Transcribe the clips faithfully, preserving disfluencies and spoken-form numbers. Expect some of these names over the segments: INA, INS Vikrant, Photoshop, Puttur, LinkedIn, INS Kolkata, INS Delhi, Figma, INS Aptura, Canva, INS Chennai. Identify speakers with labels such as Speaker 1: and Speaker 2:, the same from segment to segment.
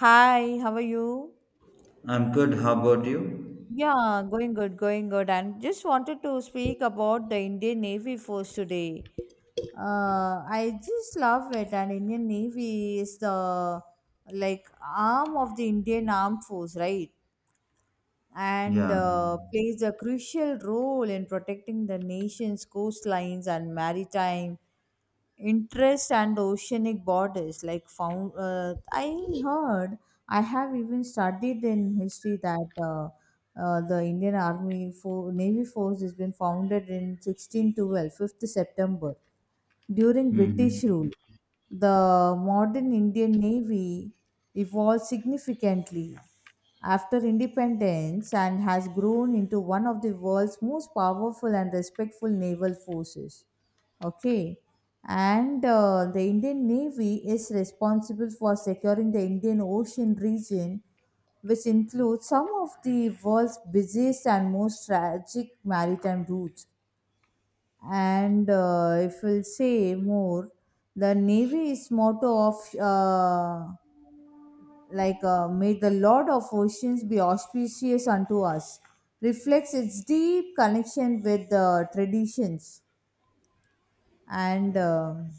Speaker 1: Hi, how are you?
Speaker 2: I'm good. How about you?
Speaker 1: Yeah, going good, going good. And just wanted to speak about the Indian Navy Force today. Uh, I just love it, and Indian Navy is the like arm of the Indian Armed Force, right? And
Speaker 2: Yeah.
Speaker 1: uh, plays a crucial role in protecting the nation's coastlines and maritime interest and oceanic borders like found uh, i heard i have even studied in history that uh, uh, the indian army for navy force has been founded in sixteen twelve fifth september during British
Speaker 2: Hmm.
Speaker 1: rule. The modern Indian Navy evolved significantly after independence and has grown into one of the world's most powerful and respectful naval forces. Okay, and uh, the Indian Navy is responsible for securing the Indian Ocean region, which includes some of the world's busiest and most tragic maritime routes. And uh, if we'll say more, the navy's motto of uh, like uh, may the lord of oceans be auspicious unto us reflects its deep connection with the traditions. And um,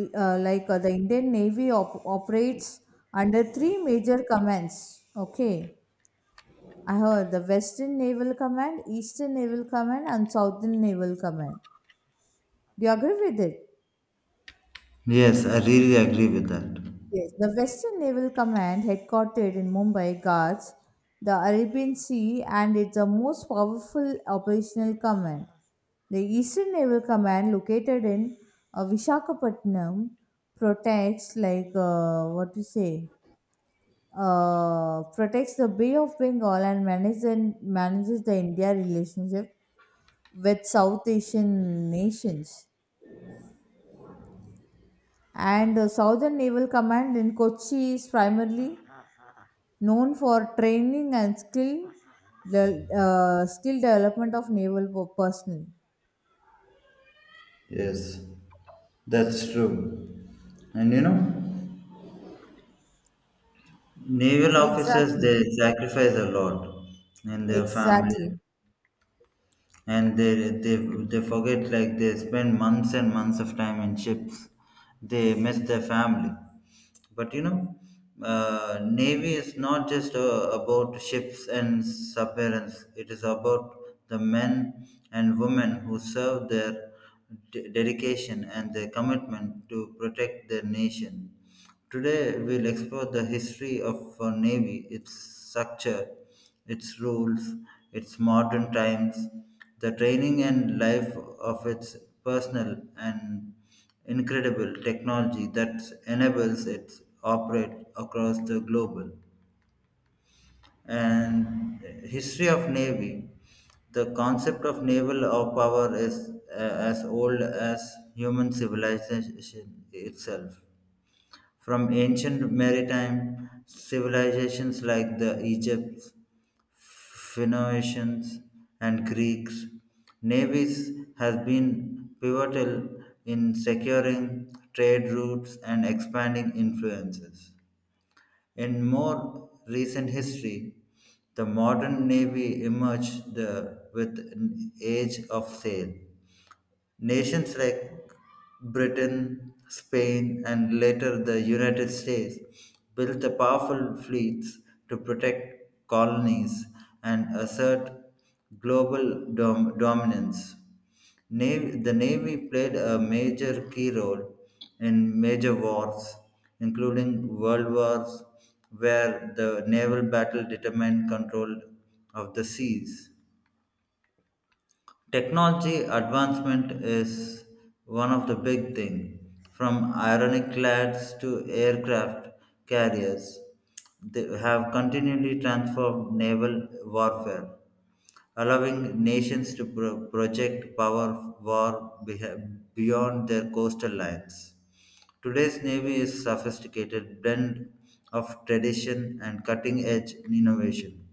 Speaker 1: l- uh, like uh, the indian navy op- operates under three major commands, okay? I heard the western naval command, eastern naval command, and southern naval command. Do you agree with it?
Speaker 2: Yes, I really agree with that.
Speaker 1: Yes, the Western Naval Command, headquartered in Mumbai, guards the Arabian Sea, and it's the most powerful operational command. The Eastern Naval Command, located in uh, Visakhapatnam, protects, like uh, what to say, uh, protects the Bay of Bengal and manages manages the India relationship with South Asian nations. And the Southern Naval Command in Kochi is primarily known for training and skill, the uh, skill development of naval po- personnel.
Speaker 2: Yes, that's true. And you know, naval officers they
Speaker 1: exactly
Speaker 2: sacrifice a lot in their family,
Speaker 1: exactly
Speaker 2: and they they they forget like they spend months and months of time in ships. They miss their family. But you know, uh, navy is not just uh, about ships and submarines. It is about the men and women who serve their de- dedication and their commitment to protect their nation. Today, we'll explore the history of our Navy, its structure, its rules, its modern times, the training and life of its personnel, and incredible technology that enables it to operate across the global. And history of Navy. The concept of naval or power is uh, as old as human civilization itself. From ancient maritime civilizations like the Egypt, Phoenicians, and Greeks, navies has been pivotal in securing trade routes and expanding influences. In more recent history, the modern navy emerged the, with an age of sail. Nations like Britain, Spain, and later the United States built the powerful fleets to protect colonies and assert global dom- dominance. Nav- the Navy played a major key role in major wars, including World Wars, where the naval battle determined control of the seas. Technology advancement is one of the big things. From ironclads to aircraft carriers, they have continually transformed naval warfare, allowing nations to pro- project power of war beha- beyond their coastal lines. Today's navy is sophisticated blend of tradition and cutting edge innovation.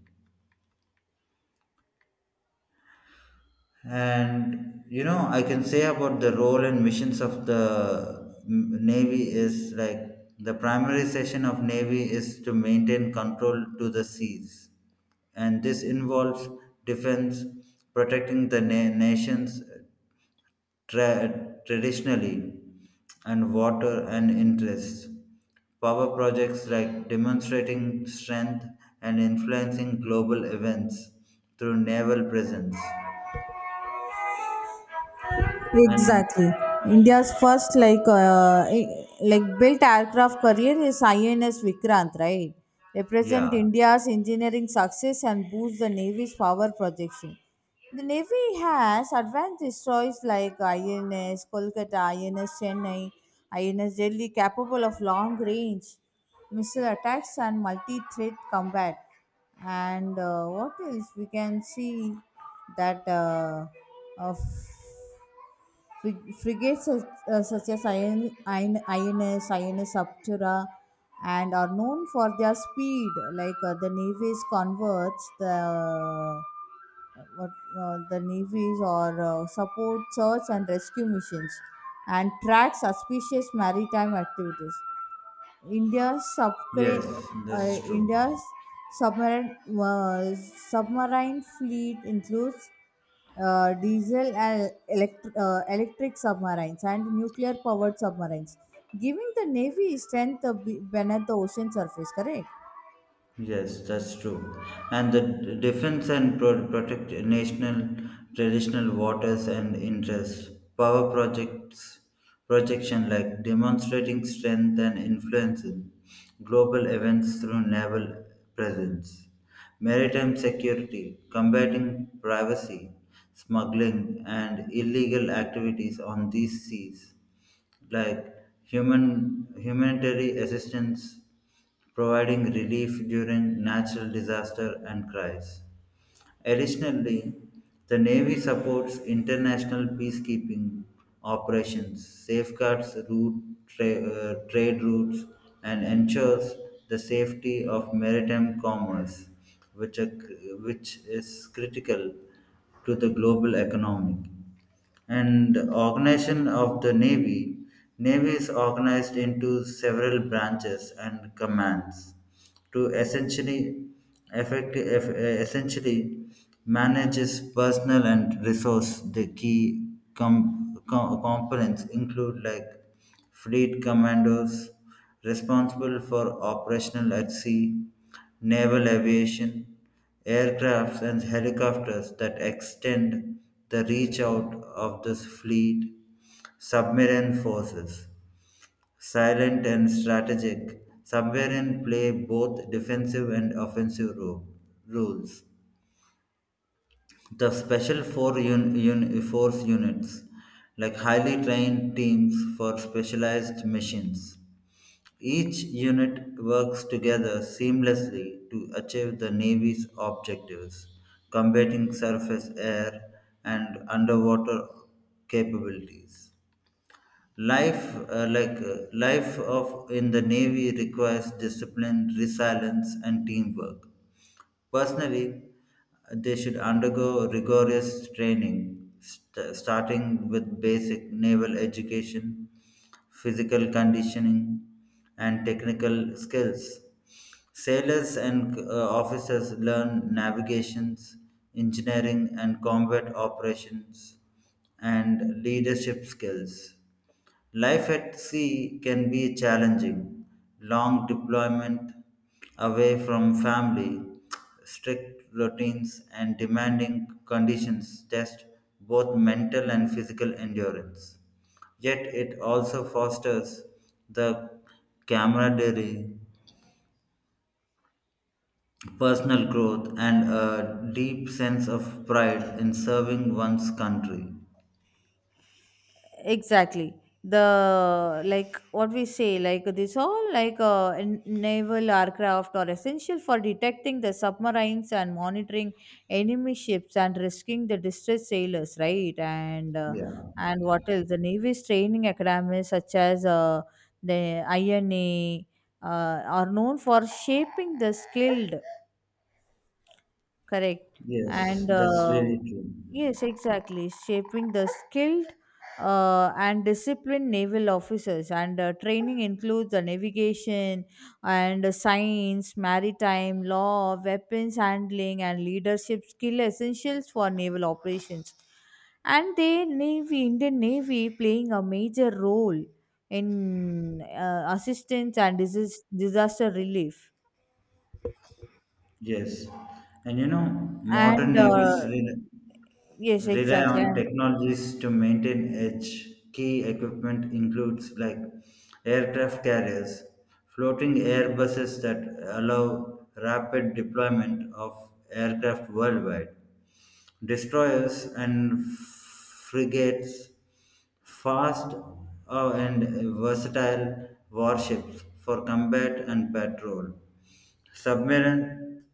Speaker 2: And you know, I can say about the role and missions of the mm, Navy is like the primary session of Navy is to maintain control to the seas, and this involves defense, protecting the na- nations tra- traditionally, and water and interests. Power projects like demonstrating strength and influencing global events through naval presence and
Speaker 1: Exactly. India's first like uh, like built aircraft carrier is I N S Vikrant, right? Represent
Speaker 2: yeah,
Speaker 1: India's engineering success and boost the Navy's power projection. The Navy has advanced destroyers like I N S Kolkata, I N S Chennai, I N S Delhi, capable of long range missile attacks and multi-threat combat. And uh, what else we can see that uh, of Frig- frigates, such, uh, such as IN, IN, INS, INS Aptura, and are known for their speed. Like uh, the navies converts the what, uh, the navies or uh, support search and rescue missions, and track suspicious maritime activities. India's subcra-
Speaker 2: yes,
Speaker 1: uh,
Speaker 2: that's true.
Speaker 1: India's submarine, uh, submarine fleet includes uh, diesel and elect- uh, electric submarines and nuclear powered submarines, giving the navy strength uh, be- beneath the ocean surface. Correct.
Speaker 2: Yes, that's true. And the d- defense and pro- protect national traditional waters and interests. Power projects projection like demonstrating strength and influencing global events through naval presence. Maritime security, combating privacy, smuggling, and illegal activities on these seas like human humanitarian assistance providing relief during natural disaster and crises. Additionally, the Navy supports international peacekeeping operations, safeguards route tra- uh, trade routes, and ensures the safety of maritime commerce, which, are, which is critical to the global economy and organization of the navy. Navy is organized into several branches and commands to essentially effect, eff- essentially manages personnel and resource the key com, com, components include like fleet commandos responsible for operational at sea, naval aviation aircrafts and helicopters that extend the reach out of this fleet, submarine forces, silent and strategic. Submarine play both defensive and offensive ro- roles. The special four un, un, force units, like highly trained teams for specialized missions. Each unit works together seamlessly to achieve the Navy's objectives, combating surface, air, and underwater capabilities. Life, uh, like uh, life of in the Navy, requires discipline, resilience, and teamwork. Personally, they should undergo rigorous training, st- starting with basic naval education, physical conditioning, and technical skills. Sailors and uh, officers learn navigations, engineering, and combat operations, and leadership skills. Life at sea can be challenging. Long deployment away from family, strict routines, and demanding conditions test both mental and physical endurance. Yet it also fosters the camaraderie, personal growth, and a deep sense of pride in serving one's country.
Speaker 1: Exactly, the like what we say, like this all, like uh, n- naval aircraft are essential for detecting the submarines and monitoring enemy ships and rescuing the distressed sailors, right? And uh,
Speaker 2: Yeah,
Speaker 1: and what else, the navy's training academies such as uh, the I N A uh, are known for shaping the skilled. Correct.
Speaker 2: yes,
Speaker 1: And
Speaker 2: that's
Speaker 1: uh,
Speaker 2: really true.
Speaker 1: yes, exactly. Shaping the skilled uh, and disciplined naval officers. And uh, training includes the navigation and uh, science, maritime law, weapons handling, and leadership skill essentials for naval operations. And the Navy, Indian Navy, playing a major role in uh, assistance and disis- disaster relief.
Speaker 2: Yes, and you know, modern
Speaker 1: And uh,
Speaker 2: navies rely,
Speaker 1: yes,
Speaker 2: rely
Speaker 1: exactly.
Speaker 2: on
Speaker 1: And
Speaker 2: technologies to maintain edge. Key equipment includes like aircraft carriers, floating airbuses that allow rapid deployment of aircraft worldwide, destroyers and frigates. Fast uh, and versatile warships for combat and patrol. Submarine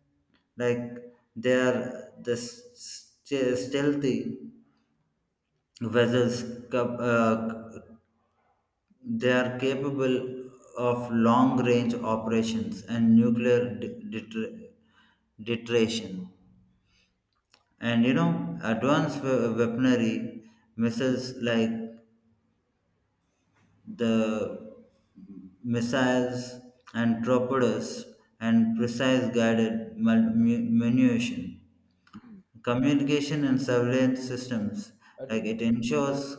Speaker 2: like they are the st- stealthy vessels cap- uh, they are capable of long range operations and nuclear de- deter- deterrence. And you know, advanced we- weaponry missiles like the missiles and torpedoes and precise guided mul- mu- munition. Communication and surveillance systems, like it ensures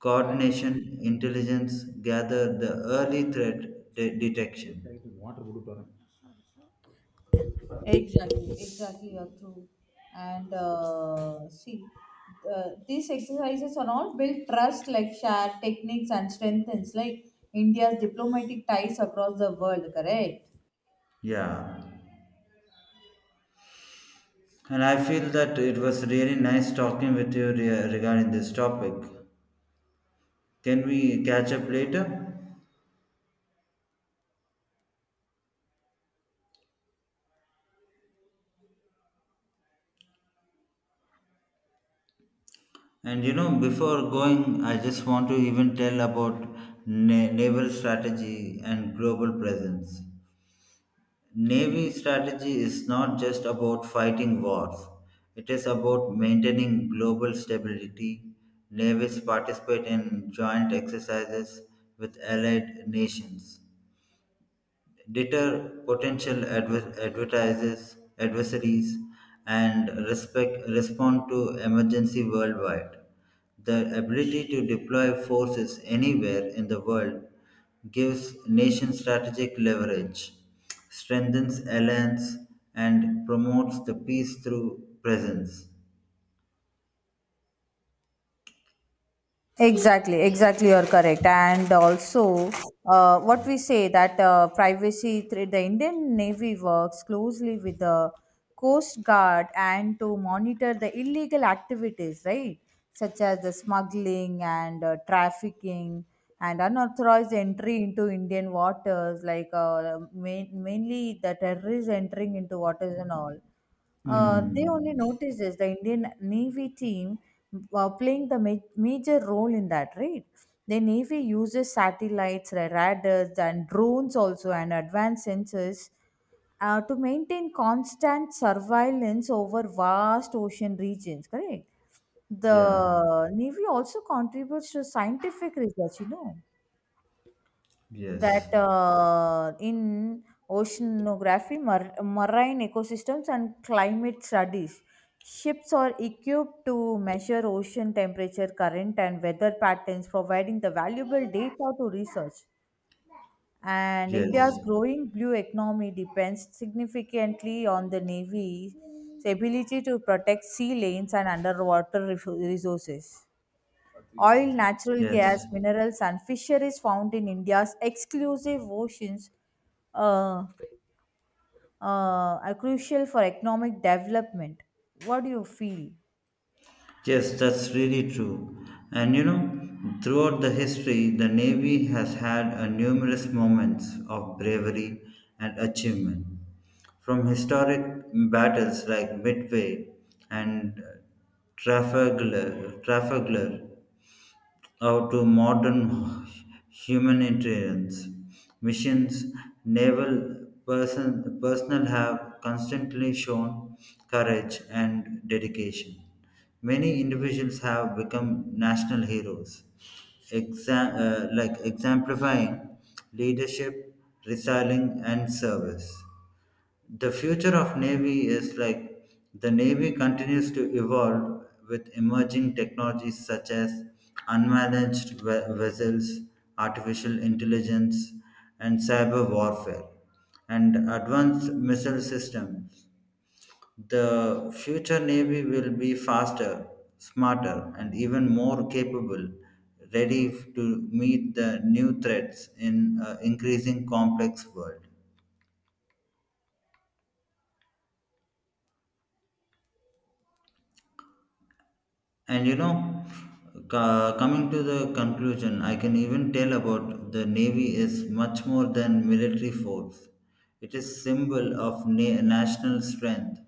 Speaker 2: coordination, intelligence, gather the early threat de- detection.
Speaker 1: exactly, exactly, you're true. And uh, see, uh, these exercises are all build trust, like share techniques and strengthens like India's diplomatic ties across the world. Correct.
Speaker 2: Yeah, and I feel that it was really nice talking with you re- regarding this topic. Can we catch up later? And you know, before going, I just want to even tell about na- naval strategy and global presence. Navy strategy is not just about fighting wars, it is about maintaining global stability. Navies participate in joint exercises with allied nations, deter potential adver- advertisers, adversaries, and respect, respond to emergency worldwide. The ability to deploy forces anywhere in the world gives nation strategic leverage, strengthens alliance, and promotes the peace through presence.
Speaker 1: Exactly, exactly, you're correct. And also, uh, what we say that uh, privacy, thre- the Indian Navy works closely with the Coast Guard and to monitor the illegal activities, right? Such as the smuggling and uh, trafficking and unauthorized entry into Indian waters, like uh, main, mainly the terrorists entering into waters and all. Uh, they
Speaker 2: Hmm.
Speaker 1: only noticed this, the Indian Navy team uh, playing the ma- major role in that, right? The Navy uses satellites, ra- radars, and drones also, and advanced sensors uh, to maintain constant surveillance over vast ocean regions, correct?
Speaker 2: Yeah.
Speaker 1: The Navy also contributes to scientific research, you know, that
Speaker 2: Yes.
Speaker 1: uh, in oceanography, mar- marine ecosystems, and climate studies, ships are equipped to measure ocean temperature, current, and weather patterns, providing the valuable data to research. And India's
Speaker 2: Yes.
Speaker 1: growing blue economy depends significantly on the Navy's ability to protect sea lanes and underwater ref- resources. Oil, natural gas,
Speaker 2: Yes.
Speaker 1: minerals, and fisheries found in India's exclusive oceans uh, uh, are crucial for economic development. What do you feel?
Speaker 2: Yes, that's really true. And you know, throughout the history, the Navy has had a numerous moments of bravery and achievement. From historic battles like Midway and Trafalgar, Trafalgar or to modern humanitarians. Missions, naval person, personnel have constantly shown courage and dedication. Many individuals have become national heroes, exa- uh, like exemplifying leadership, resilient, and service the future of navy is like the navy continues to evolve with emerging technologies such as unmanaged ve- vessels, artificial intelligence and cyber warfare and advanced missile systems. The future navy will be faster, smarter and even more capable, ready to meet the new threats in an increasing complex world. And you know, co- coming to the conclusion, I can even tell about the Navy is much more than military force. It is symbol of na- national strength,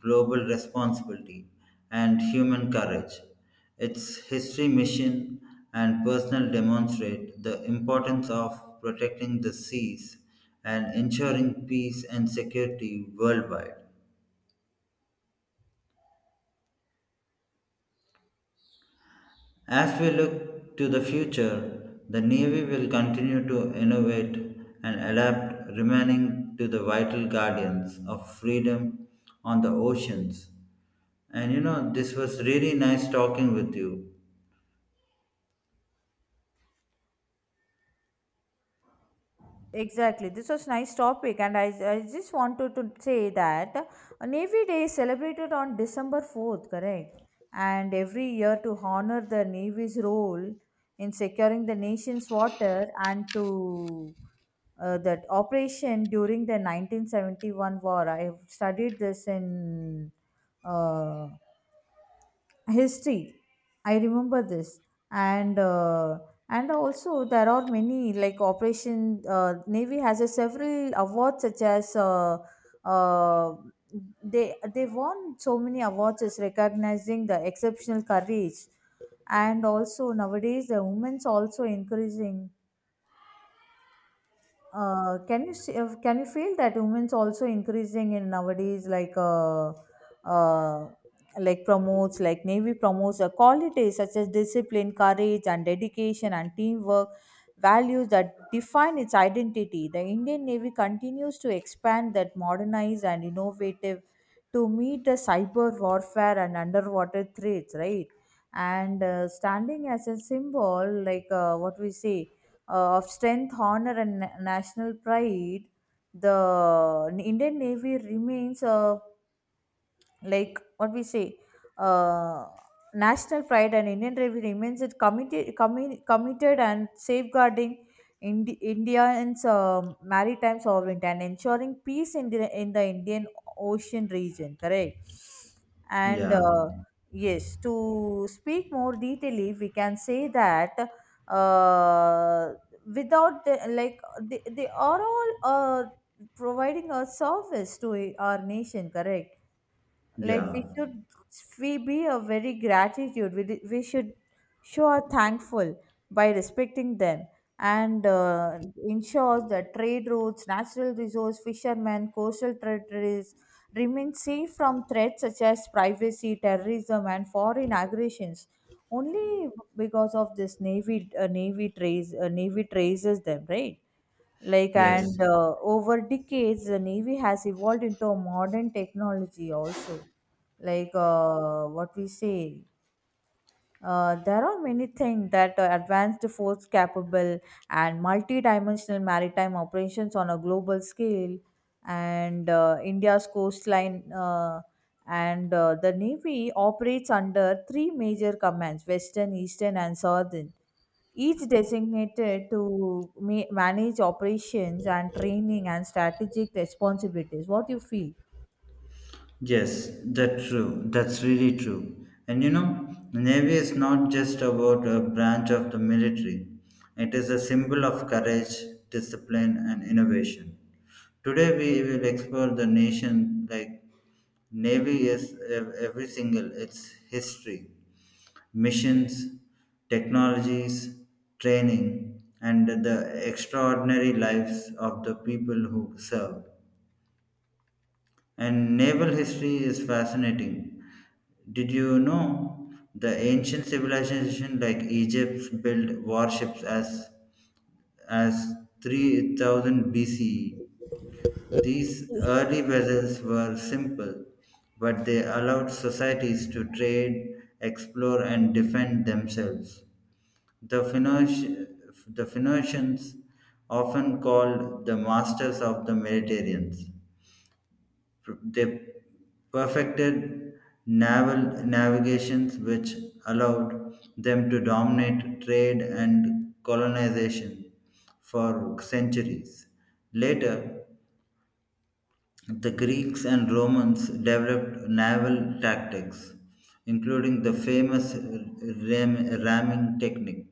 Speaker 2: global responsibility, and human courage. Its history, mission, and personal demonstrate the importance of protecting the seas and ensuring peace and security worldwide. As we look to the future, the Navy will continue to innovate and adapt, remaining to the vital guardians of freedom on the oceans. And you know, this was really nice talking with you.
Speaker 1: Exactly. This was nice topic, and I, I just wanted to say that uh, Navy Day is celebrated on December fourth, correct? And every year to honor the Navy's role in securing the nation's water and to uh, that operation during the nineteen seventy-one war. I have studied this in uh, history. I remember this. And uh, and also there are many like operation, uh, navy has a several awards such as uh, uh, they they won so many awards as recognizing the exceptional courage. And also nowadays the women's also increasing. Uh, can you see, uh, can you feel that women's also increasing in nowadays, like uh, uh, like promotes, like navy promotes uh, qualities such as discipline, courage, and dedication, and teamwork, values that define its identity. The Indian Navy continues to expand, that modernize and innovative to meet the cyber warfare and underwater threats, right? And uh, standing as a symbol, like uh, what we say, uh, of strength, honor, and na- national pride, the Indian Navy remains a, like what we say, uh, national pride and indian bravery remains it committed, commi- committed and safeguarding Indi- India's um maritime sovereignty and ensuring peace in the, in the indian ocean region, correct? And
Speaker 2: Yeah,
Speaker 1: uh, yes, to speak more detailedly we can say that uh, without the, like they, they are all uh, providing a service to our nation, correct? Like
Speaker 2: yeah,
Speaker 1: we should, we be a very gratitude, we, di- we should show our thankful by respecting them. And uh, ensure that trade routes, natural resource, fishermen, coastal territories remain safe from threats such as privacy, terrorism, and foreign aggressions only because of this navy. Uh, navy trace uh, Navy traces them, right? Like,
Speaker 2: yes.
Speaker 1: and uh, over decades the navy has evolved into a modern technology also, like uh, what we say, uh, there are many things that uh, advanced force capable and multi-dimensional maritime operations on a global scale. And uh, india's coastline, uh, and uh, the navy operates under three major commands: western, eastern, and southern, each designated to ma- manage operations and training and strategic responsibilities. What do you feel?
Speaker 2: Yes, that's true. That's really true. And you know, Navy is not just about a branch of the military, it is a symbol of courage, discipline, and innovation. Today, we will explore the nation like Navy is ev- every single its history, missions, technologies, training, and the extraordinary lives of the people who serve. And naval history is fascinating. Did you know the ancient civilization like Egypt built warships as as three thousand B C E? These early vessels were simple, but they allowed societies to trade, explore, and defend themselves. The, Phoenici- the Phoenicians, often called the masters of the Mediterranean, they perfected naval navigations which allowed them to dominate trade and colonization for centuries. Later, the Greeks and Romans developed naval tactics, including the famous ram- ramming technique,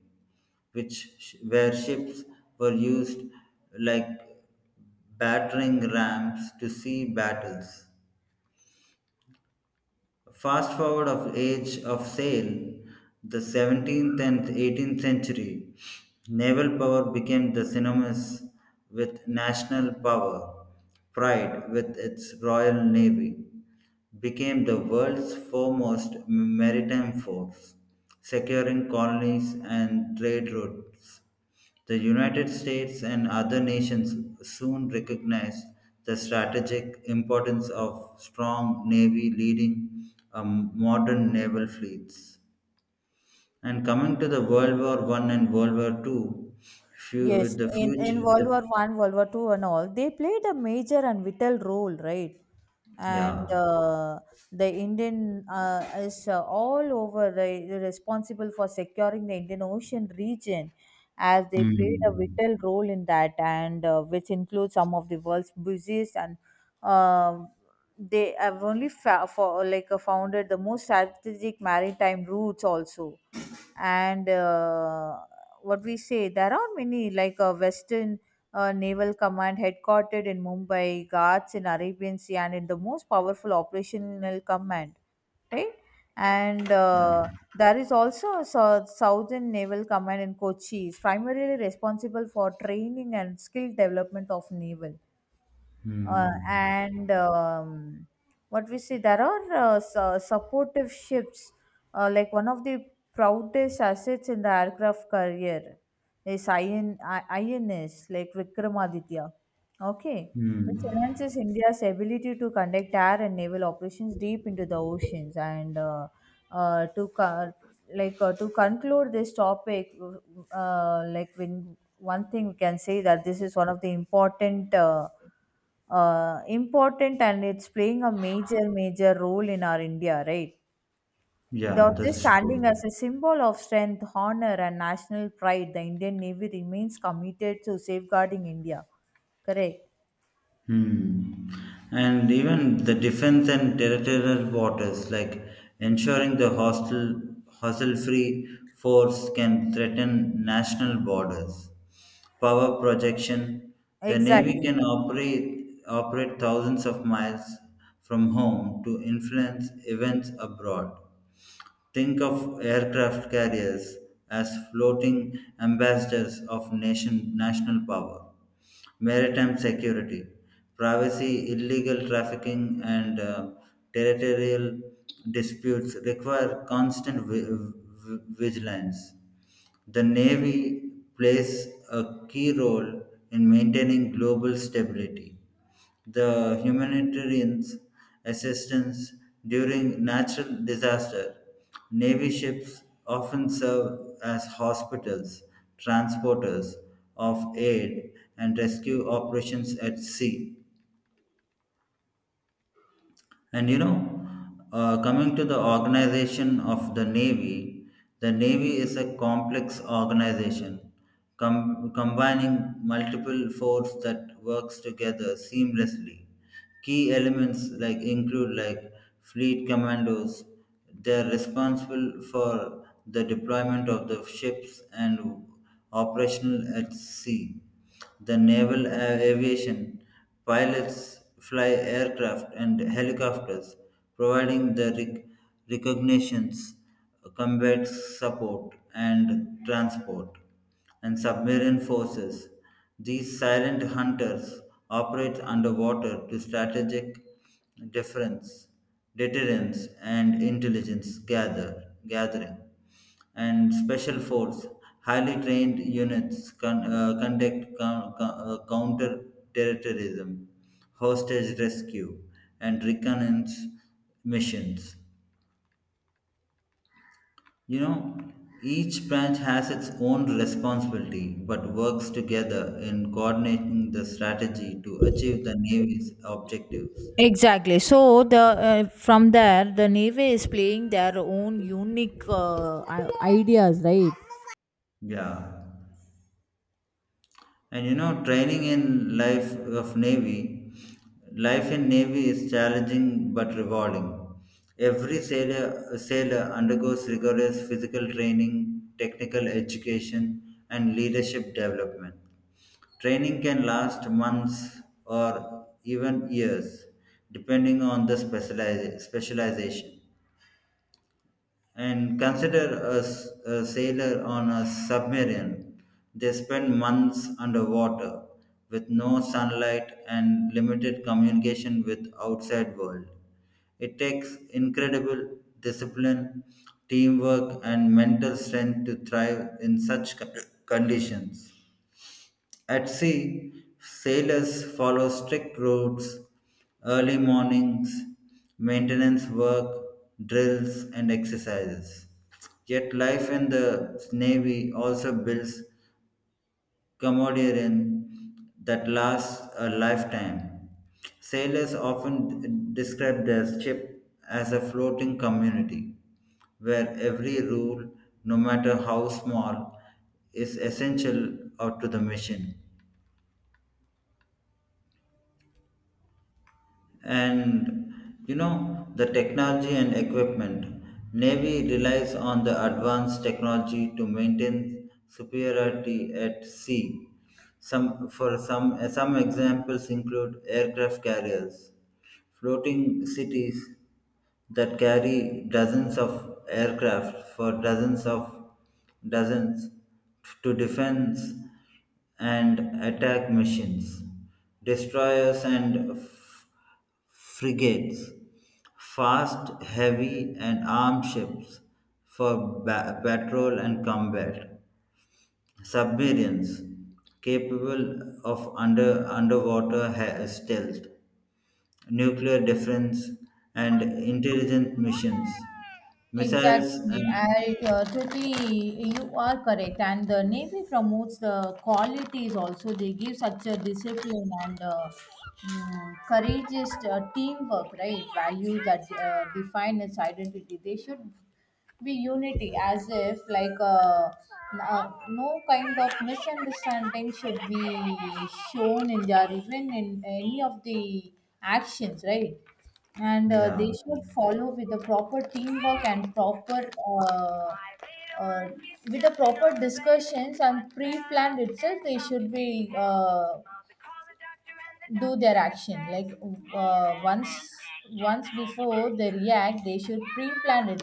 Speaker 2: which sh- where ships were used like battering rams to sea battles. Fast forward of age of sail, the seventeenth and eighteenth century, naval power became the synonymous with national power. Pride, with its Royal Navy, became the world's foremost maritime force, securing colonies and trade routes. The United States and other nations soon recognized the strategic importance of strong navy leading a modern naval fleets. And coming to the World War One and World War Two, few,
Speaker 1: Yes,
Speaker 2: the
Speaker 1: in, in
Speaker 2: future,
Speaker 1: World
Speaker 2: the
Speaker 1: War One, World War Two, and all, they played a major and vital role, right? And
Speaker 2: yeah.
Speaker 1: uh, the Indian uh, is uh, all over the, the responsible for securing the Indian Ocean region, as they played a
Speaker 2: Hmm.
Speaker 1: vital role in that, and uh, which includes some of the world's busiest and um, they have only fa- for like uh, founded the most strategic maritime routes also. And Uh, what we say, there are many, like uh, Western uh, Naval Command headquartered in Mumbai, Guards in Arabian Sea, and in the most powerful operational command, right? And
Speaker 2: Yeah.
Speaker 1: uh, there is also a Sou- Southern Naval Command in Kochi, is primarily responsible for training and skill development of naval. Uh,
Speaker 2: Hmm.
Speaker 1: and um, what we see, there are uh, su- supportive ships, uh, like one of the proudest assets in the aircraft career is I N, I- INS like Vikramaditya, okay, which
Speaker 2: Hmm.
Speaker 1: enhances India's ability to conduct air and naval operations deep into the oceans. And uh, uh, to co- like uh, to conclude this topic, uh, like when one thing we can say that this is one of the important, uh, uh, important, and it's playing a major, major role in our India, right? Without
Speaker 2: Yeah,
Speaker 1: this,
Speaker 2: that's
Speaker 1: standing as
Speaker 2: true.
Speaker 1: a symbol of strength, honor, and national pride, the Indian Navy remains committed to safeguarding India. Correct.
Speaker 2: Hmm. And even the defense and territorial waters, like ensuring the hostile, hostile-free force can threaten national borders. Power projection, the Navy
Speaker 1: Exactly.
Speaker 2: can operate, operate thousands of miles from home to influence events abroad. Think of aircraft carriers as floating ambassadors of nation, national power, maritime security, privacy, illegal trafficking, and uh, territorial disputes require constant vi- vi- vigilance. The Navy plays a key role in maintaining global stability the humanitarian assistance during natural disaster. Navy ships often serve as hospitals, transporters of aid, and rescue operations at sea. And you know, uh, coming to the organization of the Navy, the Navy is a complex organization com- combining multiple forces that works together seamlessly. Key elements like include like fleet commandos. They are responsible for the deployment of the ships and operational at sea. The naval a- aviation pilots fly aircraft and helicopters, providing the rec- recognitions, combat support, and transport. And submarine forces. These silent hunters operate underwater to strategic difference, deterrence, and intelligence gather, gathering and special force, highly trained units con- uh, conduct con- con- uh, counter-terrorism, hostage rescue, and reconnaissance missions. You know, each branch has its own responsibility but works together in coordinating the strategy to achieve the Navy's objectives.
Speaker 1: Exactly. So the uh, from there, the Navy is playing their own unique uh, i- ideas, right?
Speaker 2: Yeah. And you know, training in life of Navy, life in Navy is challenging but rewarding. Every sailor, sailor undergoes rigorous physical training, technical education, and leadership development. Training can last months or even years, depending on the specializa- specialization and consider a, s- a sailor on a submarine. They spend months underwater with no sunlight and limited communication with outside world. It takes incredible discipline, teamwork, and mental strength to thrive in such co- conditions. At sea, sailors follow strict routes, early mornings, maintenance work, drills, and exercises. Yet life in the Navy also builds camaraderie that lasts a lifetime. Sailors often describe their ship as a floating community where every rule, no matter how small, is essential out to the mission. And you know the technology and equipment, navy relies on the advanced technology to maintain superiority at sea. Some for some some examples include aircraft carriers, floating cities that carry dozens of aircraft for dozens of dozens to defense and attack missions, destroyers and f- frigates, fast, heavy, and armed ships for ba- patrol and combat. Submarines capable of under underwater ha- stealth, nuclear defense, and intelligent missions, missiles
Speaker 1: Exactly.
Speaker 2: and
Speaker 1: I uh, totally, you are correct. And the Navy promotes the qualities also. They give such a discipline and uh, mm, courageous uh, teamwork, right? Value that uh, define its identity. They should be unity as if like uh, n- uh, no kind of misunderstanding should be shown in their, even in any of the actions, right? And uh,
Speaker 2: yeah,
Speaker 1: they should follow with the proper teamwork and proper, uh, uh, with the proper discussions and pre-planned itself. They should be, uh, do their action like uh, once once before they react they should pre-plan it,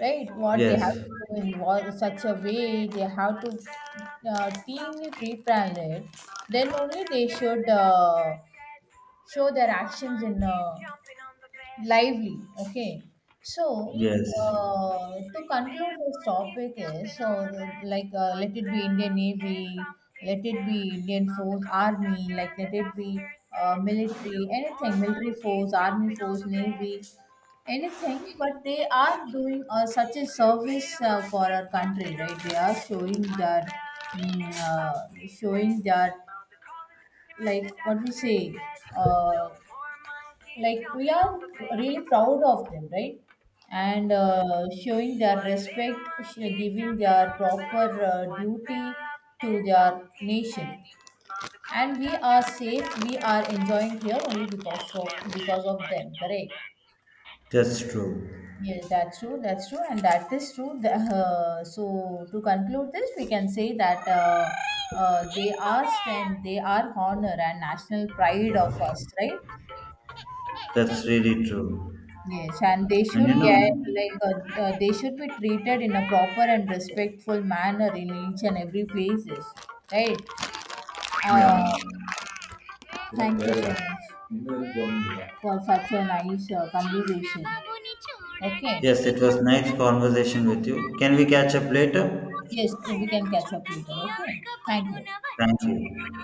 Speaker 1: right? What they have
Speaker 2: yes,
Speaker 1: to involve in wa- such a way they have to uh, keenly pre-plan it. Then only they should uh, show their actions in uh, lively, okay? So
Speaker 2: yes,
Speaker 1: uh, to conclude this topic is so, like uh, let it be indian navy, let it be indian force army, like let it be uh, military, anything, military force, army force, navy, anything, but they are doing uh, such a service uh, for our country, right? They are showing their mm, uh, showing their, like what we say, uh, like we are really proud of them, right? And uh, showing their respect, sh- giving their proper uh, duty to their nation. And we are safe, we are enjoying here only because of because of them, correct?
Speaker 2: that's true.
Speaker 1: Yes, that's true that's true and that is true The- uh, so to conclude this we can say that uh, uh, they are strength, they are honor and national pride of us, right?
Speaker 2: That's really true.
Speaker 1: Yes, and they
Speaker 2: And
Speaker 1: should
Speaker 2: you
Speaker 1: get,
Speaker 2: know,
Speaker 1: like uh, uh, they should be treated in a proper and respectful manner in each and every places, right? Uh,
Speaker 2: yeah,
Speaker 1: Thank you so much for such a nice uh, conversation. Okay,
Speaker 2: yes, it was nice conversation with you. Can we catch up later?
Speaker 1: yes, we can catch up later. Okay, thank you.
Speaker 2: Thank you.